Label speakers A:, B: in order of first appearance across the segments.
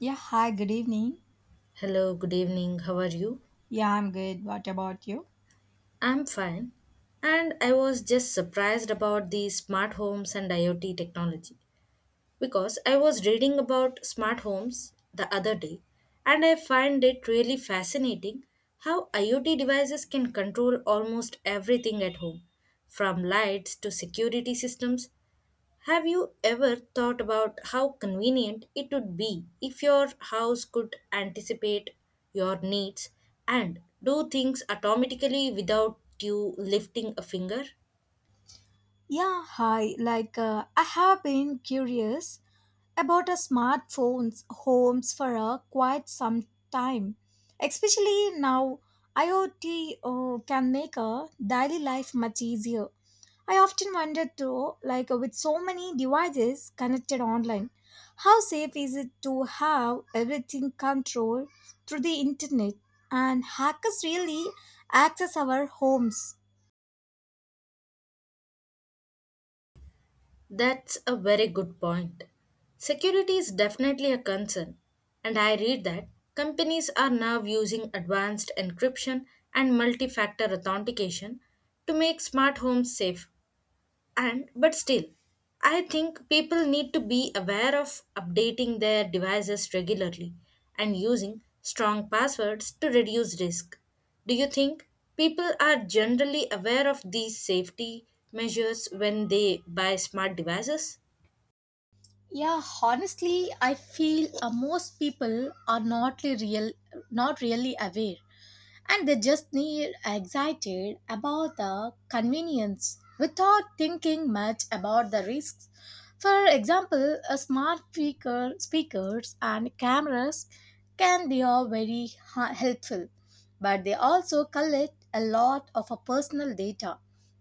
A: Yeah, hi, good evening.
B: Hello, good evening. How are you?
A: Yeah, I'm good. What about you?
B: I'm fine. And I was just surprised about the smart homes and IoT technology because I was reading about smart homes the other day and I find it really fascinating how IoT devices can control almost everything at home from lights to security systems. Have you ever thought about how convenient it would be if your house could anticipate your needs and do things automatically without you lifting a finger?
A: Yeah, hi. I have been curious about a smartphones homes for a quite some time. Especially now, IoT can make a daily life much easier. I often wonder though, with so many devices connected online, how safe is it to have everything controlled through the internet and hackers really access our homes?
B: That's a very good point. Security is definitely a concern, and I read that companies are now using advanced encryption and multi factor authentication to make smart homes safer. And But still, I think people need to be aware of updating their devices regularly and using strong passwords to reduce risk. Do you think people are generally aware of these safety measures when they buy smart devices?
A: Yeah, honestly, I feel most people are not really aware. And they just need excited about the convenience without thinking much about the risks. For example, speakers and cameras can they are very helpful, but they also collect a lot of personal data.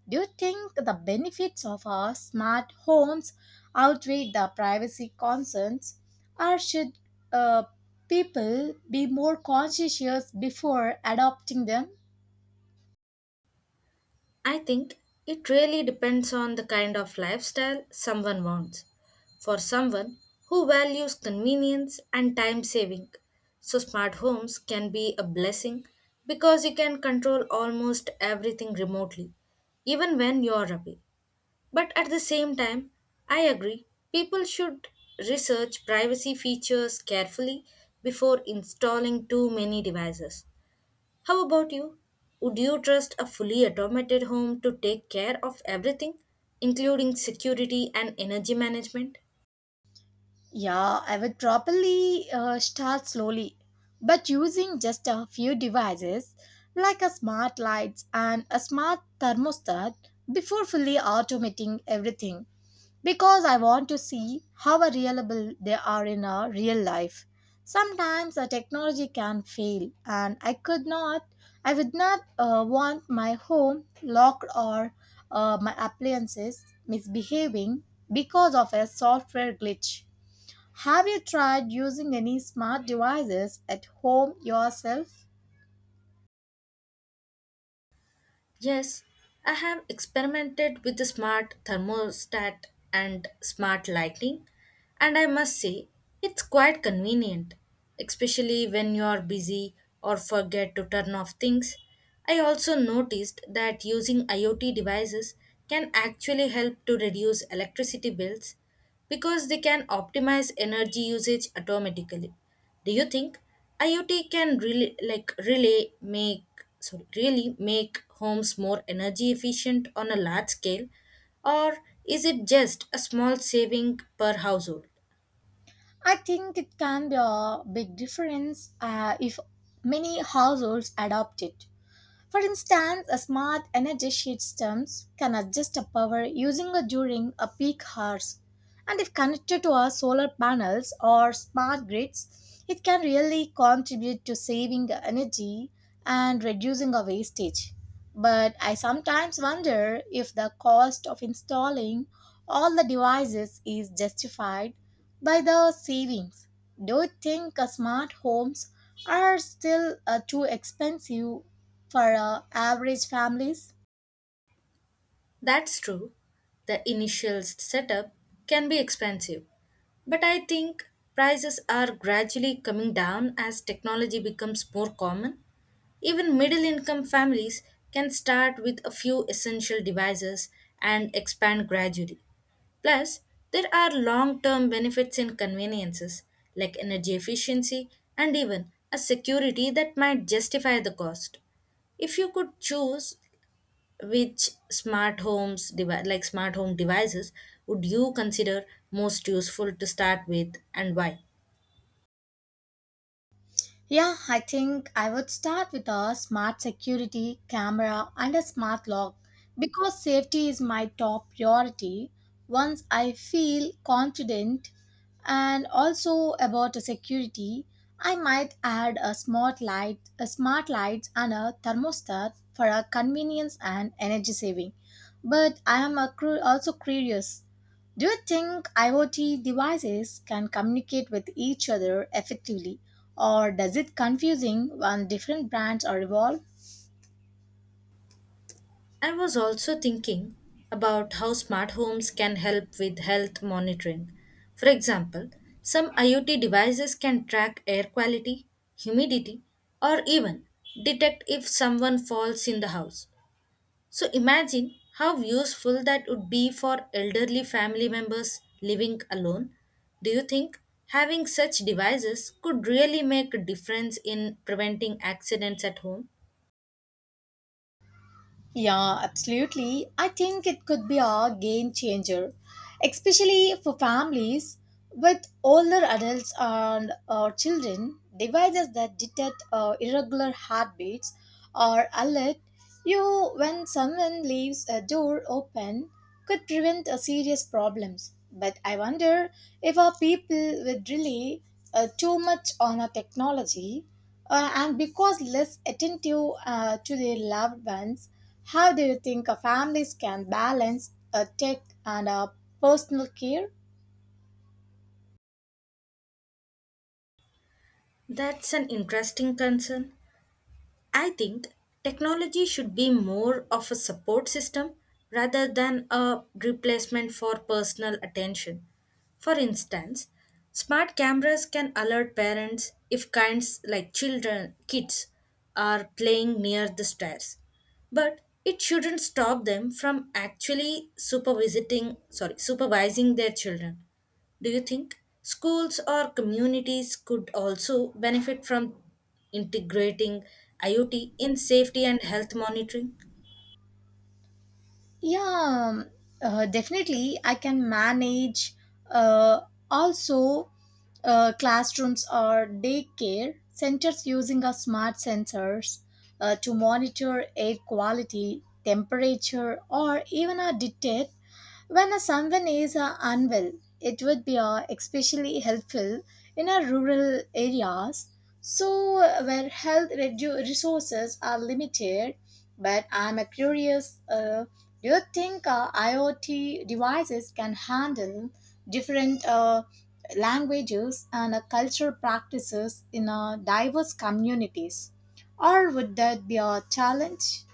A: Do you think the benefits of our smart homes outweigh the privacy concerns, or should uh, people be more conscientious before adopting them?
B: I think it really depends on the kind of lifestyle someone wants. For someone who values convenience and time saving, so smart homes can be a blessing because you can control almost everything remotely, even when you're away. But at the same time, I agree, people should research privacy features carefully before installing too many devices. How about you? Would you trust a fully automated home to take care of everything, including security and energy management?
A: Yeah, I would probably start slowly, but using just a few devices like a smart lights and a smart thermostat before fully automating everything because I want to see how reliable they are in our real life. Sometimes the technology can fail, and I would not want my home locked or my appliances misbehaving because of a software glitch. Have you tried using any smart devices at home yourself?
B: Yes, I have experimented with the smart thermostat and smart lighting, and I must say it's quite convenient, especially when you are busy or forget to turn off things. I also noticed that using IoT devices can actually help to reduce electricity bills because they can optimize energy usage automatically. Do you think IoT can really like really make sorry, really make homes more energy efficient on a large scale, or is it just a small saving per household?
A: I think it can be a big difference if many households adopt it. For instance, a smart energy systems can adjust a power using a during a peak hours. And if connected to our solar panels or smart grids, it can really contribute to saving energy and reducing our wastage. But I sometimes wonder if the cost of installing all the devices is justified by the savings. Do you think smart homes are still too expensive for average families?
B: That's true. The initial setup can be expensive, but I think prices are gradually coming down as technology becomes more common. Even middle income families can start with a few essential devices and expand gradually. Plus, there are long term benefits in conveniences like energy efficiency and even a security that might justify the cost. If you could choose which smart home devices would you consider most useful to start with and why?
A: Yeah, I think I would start with a smart security camera and a smart lock because safety is my top priority. Once I feel confident and also about the security, I might add a smart lights and a thermostat for a convenience and energy saving. But I am a also curious, do you think IoT devices can communicate with each other effectively or does it confusing when different brands are involved?
B: I was also thinking about how smart homes can help with health monitoring. For example, some IoT devices can track air quality, humidity, or even detect if someone falls in the house. So imagine how useful that would be for elderly family members living alone. Do you think having such devices could really make a difference in preventing accidents at home?
A: Yeah, absolutely. I think it could be a game changer, especially for families with older adults and children. Devices that detect irregular heartbeats or alert you when someone leaves a door open could prevent serious problems. But I wonder if our people would rely too much on our technology and because less attentive to their loved ones. How do you think a families can balance a tech and a personal care?
B: That's an interesting concern. I think technology should be more of a support system rather than a replacement for personal attention. For instance, smart cameras can alert parents if kids are playing near the stairs. But it shouldn't stop them from actually supervising their children. Do you think schools or communities could also benefit from integrating IoT in safety and health monitoring?
A: Yeah, definitely. I can manage uh, also classrooms or daycare centers using a smart sensors to monitor air quality, temperature, or even a detect. When a someone is unwell, it would be especially helpful in our rural areas, so where health resources are limited. But I'm curious. Do you think IoT devices can handle different languages and cultural practices in diverse communities, or would that be a challenge?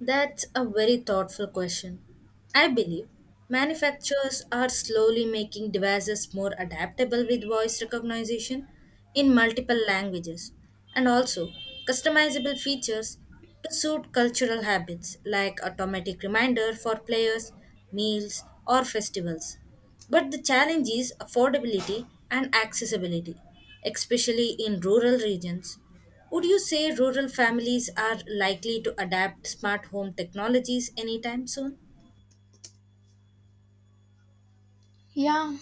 B: That's a very thoughtful question. I believe manufacturers are slowly making devices more adaptable with voice recognition in multiple languages and also customizable features to suit cultural habits like automatic reminder for players, meals, or festivals. But the challenge is affordability and accessibility, especially in rural regions. Would you say rural families are likely to adapt smart home technologies anytime soon?
A: Yeah.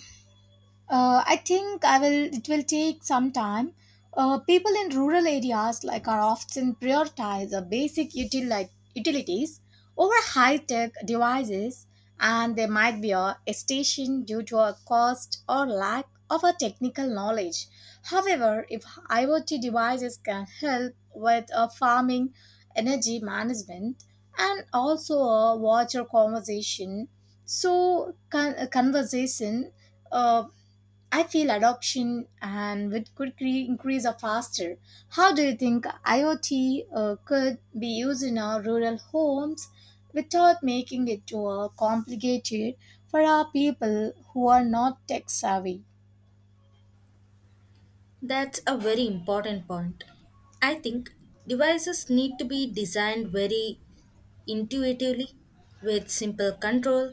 A: I think I will. It will take some time. People in rural areas like are often prioritize the basic utilities over high-tech devices, and there might be a hesitation due to a cost or lack of a technical knowledge. However, if IoT devices can help with farming, energy management, and also a water conservation, so conversation. Uh, I feel adoption and with could increase are faster. How do you think IoT could be used in our rural homes without making it too complicated for our people who are not tech savvy?
B: That's a very important point. I think devices need to be designed very intuitively with simple control,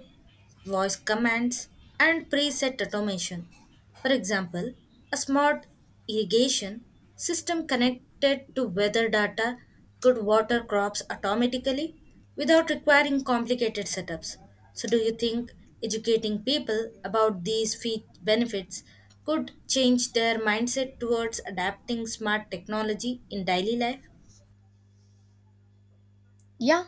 B: voice commands, and preset automation. For example, a smart irrigation system connected to weather data could water crops automatically without requiring complicated setups. So, do you think educating people about these benefits could change their mindset towards adapting smart technology in daily life?
A: Yeah,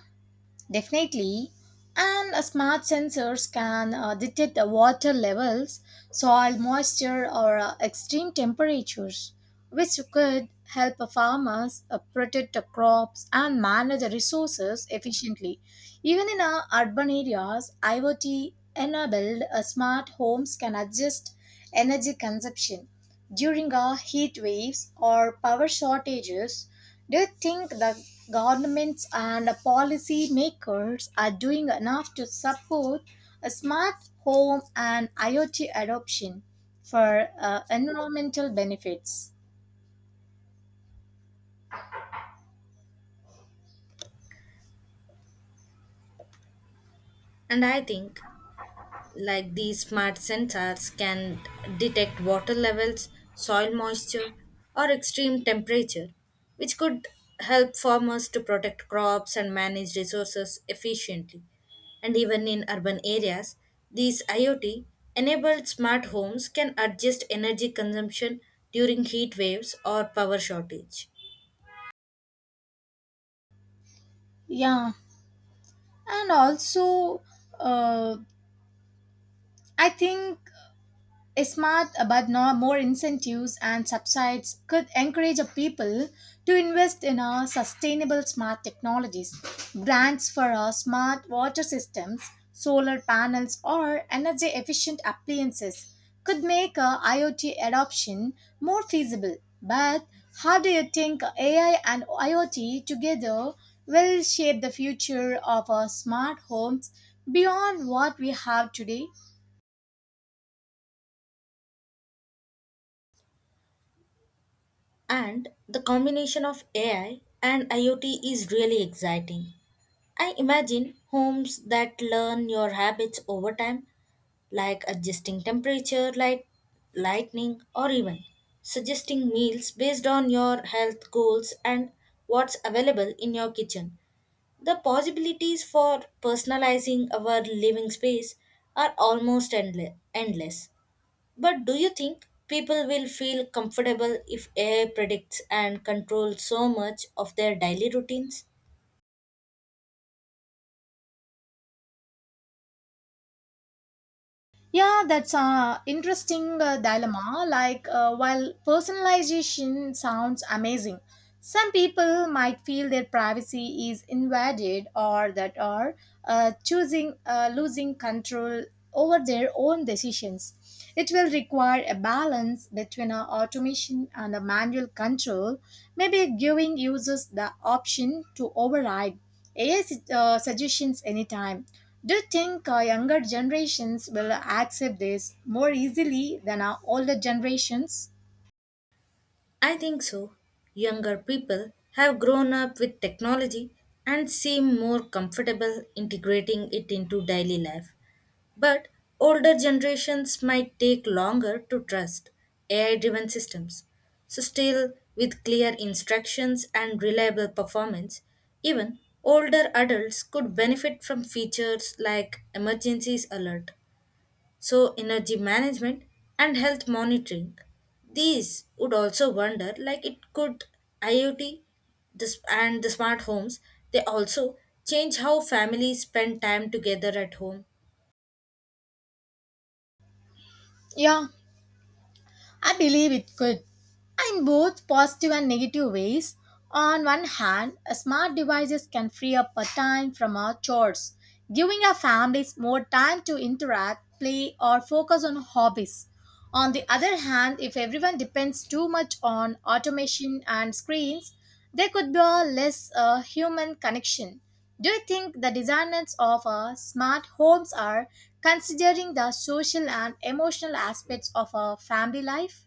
A: definitely. And smart sensors can detect the water levels, soil moisture, or extreme temperatures, which could help farmers protect the crops and manage the resources efficiently. Even in urban areas, IoT enabled smart homes can adjust energy consumption during heat waves or power shortages. Do you think the governments and policy makers are doing enough to support a smart home and IoT adoption for environmental benefits?
B: And I think like these smart sensors can detect water levels, soil moisture, or extreme temperature, which could help farmers to protect crops and manage resources efficiently. And even in urban areas, these IoT enabled smart homes can adjust energy consumption during heat waves or power shortage.
A: Yeah, and also uh, I think smart but no more incentives and subsidies could encourage a people to invest in a sustainable smart technologies, grants for a smart water systems, solar panels or energy efficient appliances could make a iot adoption more feasible. But how do you think ai and iot together will shape the future of our smart homes beyond what we have today?
B: And the combination of AI and IoT is really exciting. I imagine homes that learn your habits over time, like adjusting temperature, light, lightning, or even suggesting meals based on your health goals and what's available in your kitchen. The possibilities for personalizing our living space are almost endless. But do you think people will feel comfortable if AI predicts and controls so much of their daily routines?
A: Yeah, that's a interesting dilemma. While personalization sounds amazing, some people might feel their privacy is invaded or that are choosing losing control over their own decisions. It will require a balance between a automation and a manual control, maybe giving users the option to override AI suggestions anytime. Do you think younger generations will accept this more easily than our older generations?
B: I think so. Younger people have grown up with technology and seem more comfortable integrating it into daily life. But older generations might take longer to trust AI driven systems. So, still, with clear instructions and reliable performance, even older adults could benefit from features like emergencies alert so energy management and health monitoring. These would also wonder like it could IoT this, and the smart homes, they also change how families spend time together at home.
A: Yeah, I believe it could. In both positive and negative ways, on one hand, smart devices can free up our time from our chores, giving our families more time to interact, play, or focus on hobbies. On the other hand, if everyone depends too much on automation and screens, there could be a less human connection. Do you think the designers of smart homes are considering the social and emotional aspects of a family life?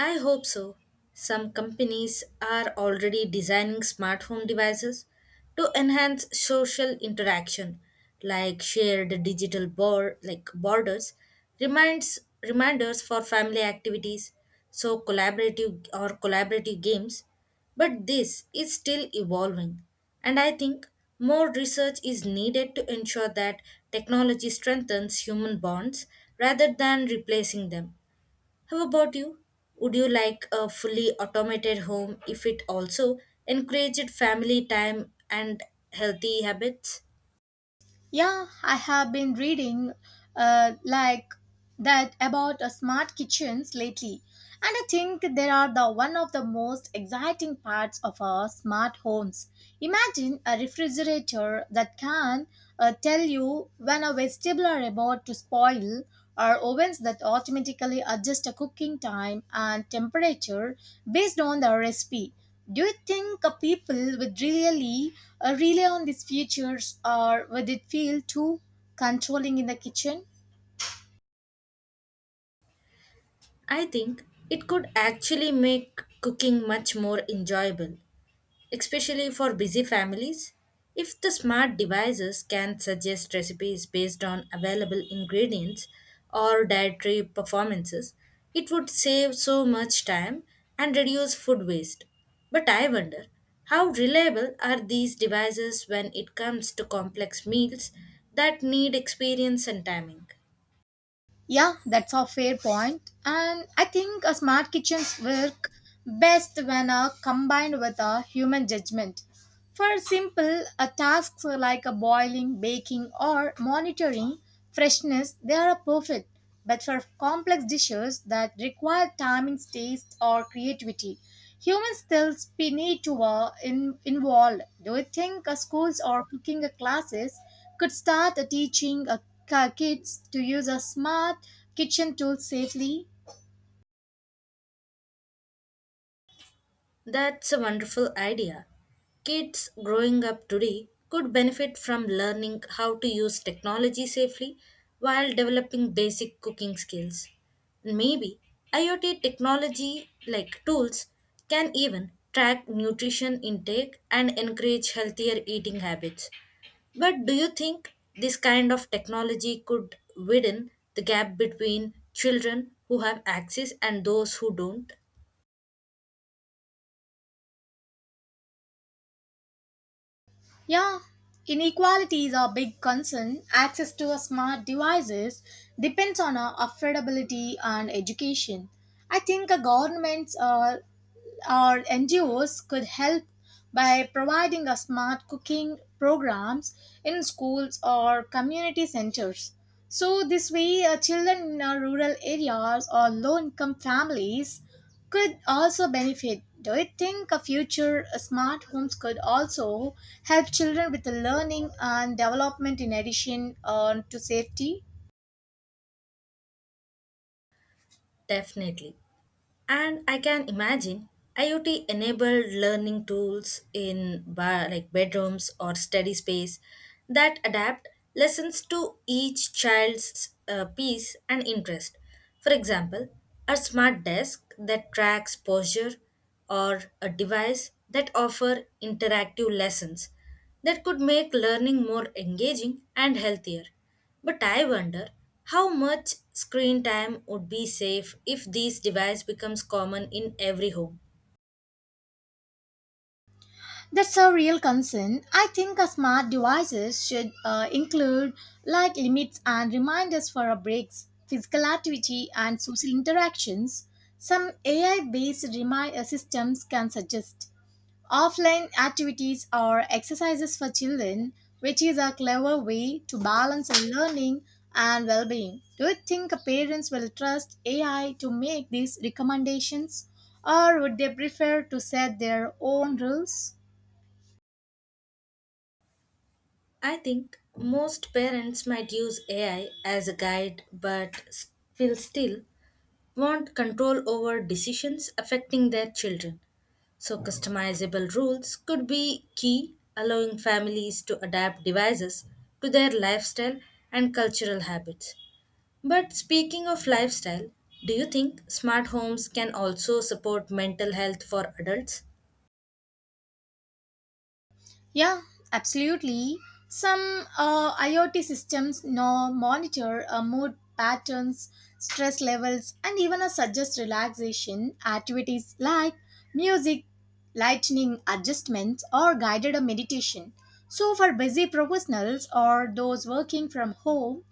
B: I hope so. Some companies are already designing smart home devices to enhance social interaction, like shared digital board like borders, reminds reminders for family activities, so collaborative games. But this is still evolving, and I think more research is needed to ensure that technology strengthens human bonds rather than replacing them. How about you? Would you like a fully automated home if it also encouraged family time and healthy habits?
A: Yeah, I have been reading uh, like that about smart kitchens lately, and I think they are the one of the most exciting parts of our smart homes. Imagine a refrigerator that can tell you when a vegetable are about to spoil, or ovens that automatically adjust a cooking time and temperature based on the recipe. Do you think people would really rely on these features or would it feel too controlling in the kitchen?
B: I think it could actually make cooking much more enjoyable, especially for busy families. If the smart devices can suggest recipes based on available ingredients or dietary performances, it would save so much time and reduce food waste. But I wonder how reliable are these devices when it comes to complex meals that need experience and timing?
A: Yeah, that's a fair point. And I think smart kitchens work best when combined with a human judgment. For simple tasks like boiling, baking, or monitoring freshness, they are perfect. But for complex dishes that require timing, taste, or creativity, human skills be need to involved. Do you think schools or cooking classes could start teaching kids to use a smart kitchen tool safely?
B: That's a wonderful idea. Kids growing up today could benefit from learning how to use technology safely while developing basic cooking skills. Maybe IoT technology like tools can even track nutrition intake and encourage healthier eating habits. But do you think this kind of technology could widen the gap between children who have access and those who don't?
A: Yeah, inequality is a big concern. Access to smart devices depends on affordability and education. I think governments or NGOs could help by providing a smart cooking programs in schools or community centers. So this way, children in rural areas or low-income families could also benefit. Do you think a future smart homes could also help children with the learning and development in addition to safety?
B: Definitely. And I can imagine IoT enabled learning tools in bar, like bedrooms or study space that adapt lessons to each child's piece and interest. For example, a smart desk that tracks posture or a device that offer interactive lessons that could make learning more engaging and healthier. But I wonder how much screen time would be safe if these device becomes common in every home.
A: That's a real concern. I think smart devices should include like limits and reminders for our breaks, physical activity, and social interactions. Some AI based reminder systems can suggest offline activities or exercises for children, which is a clever way to balance learning and well being. Do you think parents will trust AI to make these recommendations, or would they prefer to set their own rules?
B: I think most parents might use AI as a guide but will still want control over decisions affecting their children. So, customizable rules could be key, allowing families to adapt devices to their lifestyle and cultural habits. But speaking of lifestyle, do you think smart homes can also support mental health for adults?
A: Yeah, absolutely. Some IoT systems now monitor mood patterns, stress levels, and even suggest relaxation activities like music, lightning adjustments, or guided meditation. So, for busy professionals or those working from home,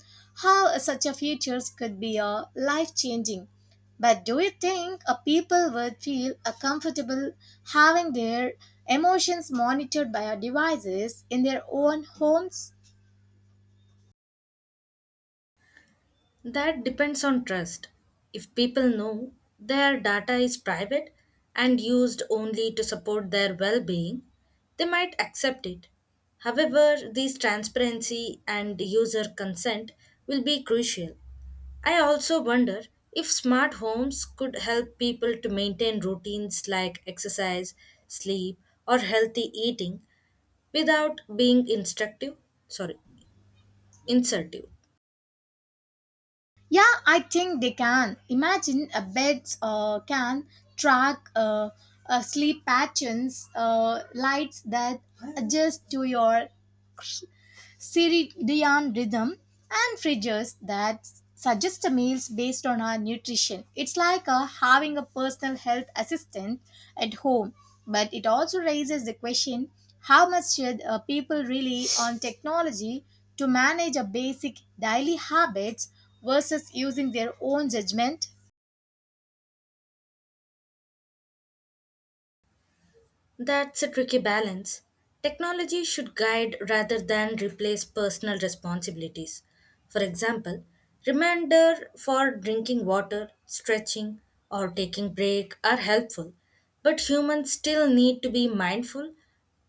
A: how such a features could be life changing. But do you think a people would feel a comfortable having their emotions monitored by our devices in their own homes?
B: That depends on trust. If people know their data is private and used only to support their well being, they might accept it. However, this transparency and user consent will be crucial. I also wonder if smart homes could help people to maintain routines like exercise, sleep, or healthy eating without being sorry, insertive.
A: Yeah, I think they can. Imagine a beds can track sleep patterns, lights that adjust to your circadian rhythm, and fridges that suggest meals based on our nutrition. It's like having a personal health assistant at home, but it also raises the question, how much should people rely on technology to manage a basic daily habits versus using their own judgment?
B: That's a tricky balance. Technology should guide rather than replace personal responsibilities. For example, reminder for drinking water, stretching, or taking break are helpful, but humans still need to be mindful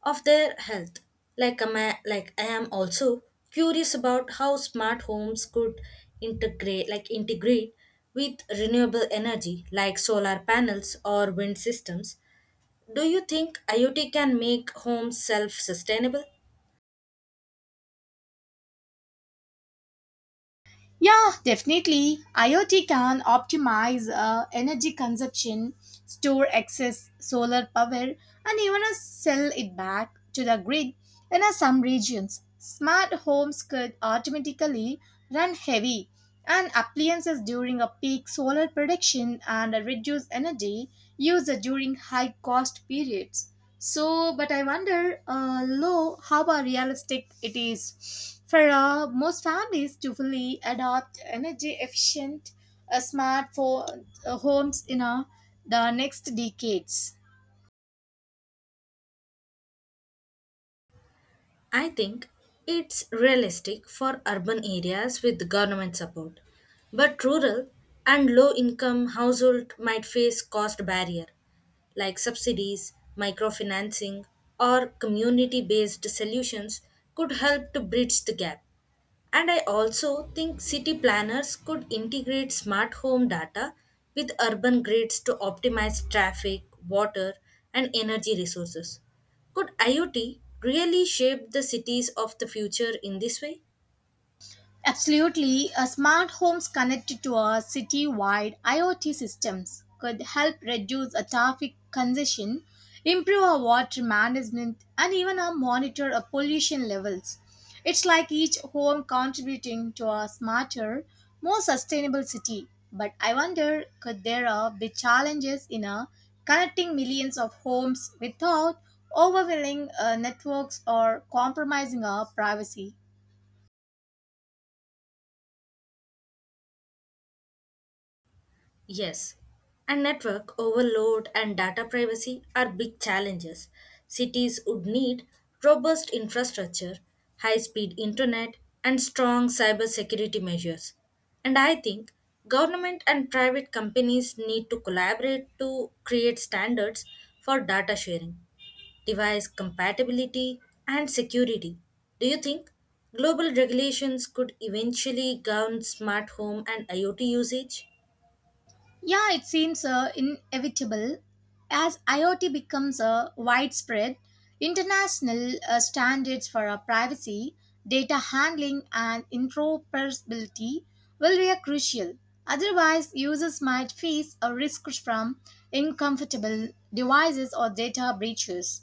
B: of their health. Like, I am also curious about how smart homes could integrate with renewable energy, like solar panels or wind systems. Do you think IoT can make homes self sustainable?
A: Yeah, definitely. IoT can optimize energy consumption, store excess solar power, and even sell it back to the grid in some regions. Smart homes could automatically run heavy and appliances during a peak solar production and reduce energy use during high cost periods. So, but I wonder, how realistic it is for most families to fully adopt energy efficient uh, smart for, homes in the next decades.
B: I think it's realistic for urban areas with government support. But rural and low income households might face cost barrier like subsidies, microfinancing or community based solutions could help to bridge the gap. And I also think city planners could integrate smart home data with urban grids to optimize traffic, water, and energy resources. Could IoT really shape the cities of the future in this way?
A: Absolutely, a smart homes connected to a city-wide IoT systems could help reduce a traffic congestion, improve our water management, and even monitor our pollution levels. It's like each home contributing to a smarter, more sustainable city. But I wonder, could there be challenges in connecting millions of homes without overwhelming networks or compromising our privacy?
B: Yes, and network overload and data privacy are big challenges. Cities would need robust infrastructure, high speed internet, and strong cybersecurity measures. And I think government and private companies need to collaborate to create standards for data sharing, device compatibility, and security. Do you think global regulations could eventually govern smart home and IoT usage?
A: Yeah, it seems inevitable. As IoT becomes widespread, international standards for privacy, data handling, and interoperability will be crucial. Otherwise, users might face a risk from uncomfortable devices or data breaches.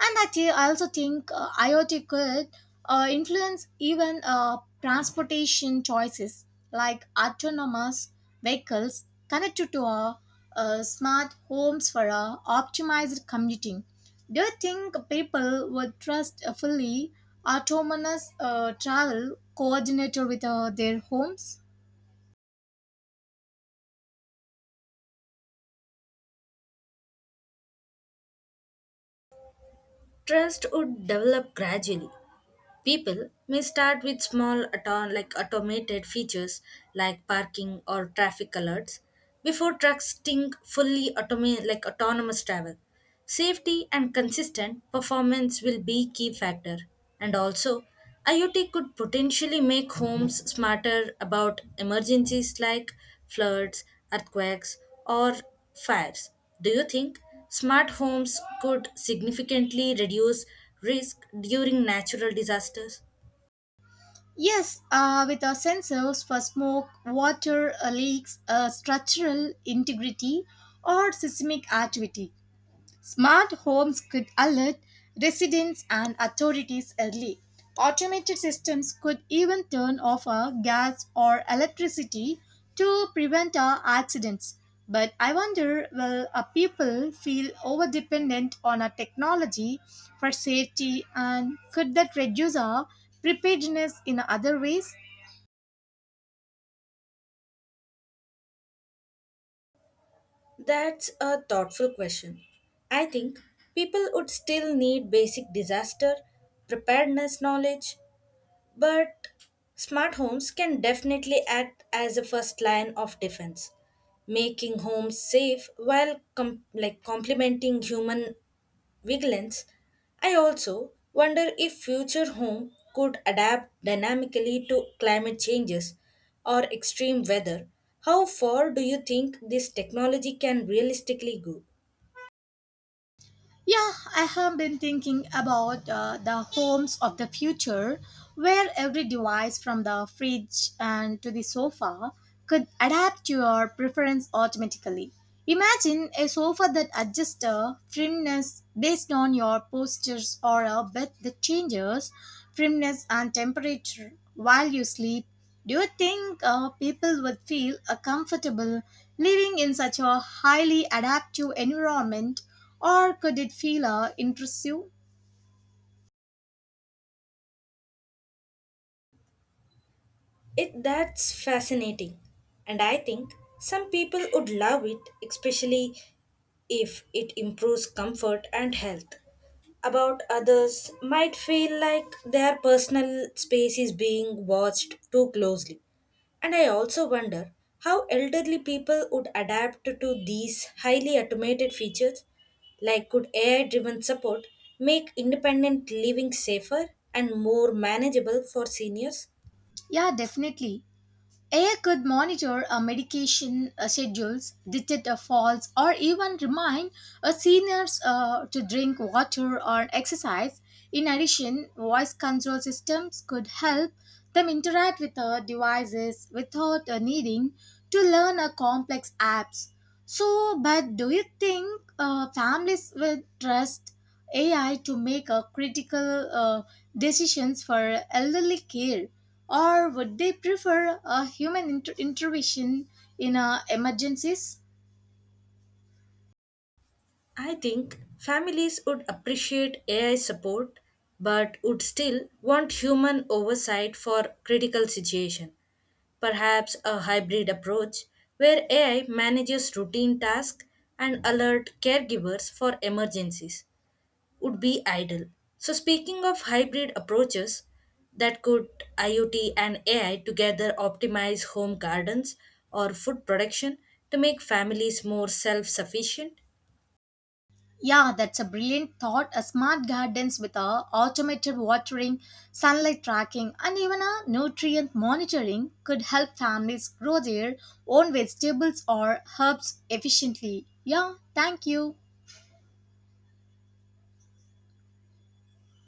A: And I also think IoT could influence even transportation choices like autonomous vehicles connected to our smart homes for our optimized commuting. Do you think people would trust a fully autonomous travel coordinator with their homes?
B: Trust would develop gradually. People may start with small automated features like parking or traffic alerts before trusting fully autonomous travel. Safety and consistent performance will be key factor. And also, IoT could potentially make homes smarter about emergencies like floods, earthquakes, or fires. Do you think smart homes could significantly reduce risk during natural disasters?
A: Yes, with our sensors for smoke, water leaks, structural integrity, or seismic activity. Smart homes could alert residents and authorities early. Automated systems could even turn off our gas or electricity to prevent our accidents. But I wonder, will our people feel over dependent on our technology for safety and could that reduce our preparedness in other ways?
B: That's a thoughtful question. I think people would still need basic disaster preparedness knowledge, but smart homes can definitely act as a first line of defense, making homes safe while complementing human vigilance. I also wonder if future home could adapt dynamically to climate changes or extreme weather. How far do you think this technology can realistically go?
A: Yeah, I have been thinking about the homes of the future where every device from the fridge and to the sofa could adapt to your preference automatically. Imagine a sofa that adjusts the firmness based on your postures or a bed that changes firmness and temperature while you sleep. Do you think people would feel comfortable living in such a highly adaptive environment? Or could it feel intrusive?
B: It That's fascinating, and I think some people would love it, especially if it improves comfort and health. About others might feel like their personal space is being watched too closely. And I also wonder how elderly people would adapt to these highly automated features. Like, could AI driven support make independent living safer and more manageable for seniors?
A: Yeah, definitely. AI could monitor a medication schedules, detect a falls, or even remind a seniors to drink water or exercise. In addition, voice control systems could help them interact with devices without needing to learn a complex apps. So, but do you think families will trust AI to make critical decisions for elderly care, or would they prefer a human intervention in emergencies?
B: I think families would appreciate AI support but would still want human oversight for critical situation. Perhaps a hybrid approach where AI manages routine tasks and alert caregivers for emergencies would be ideal. So speaking of hybrid approaches, that could IoT and AI together optimize home gardens or food production to make families more self sufficient
A: Yeah, that's a brilliant thought. A smart gardens with a automated watering, sunlight tracking, and even a nutrient monitoring could help families grow their own vegetables or herbs efficiently. Yeah, thank you.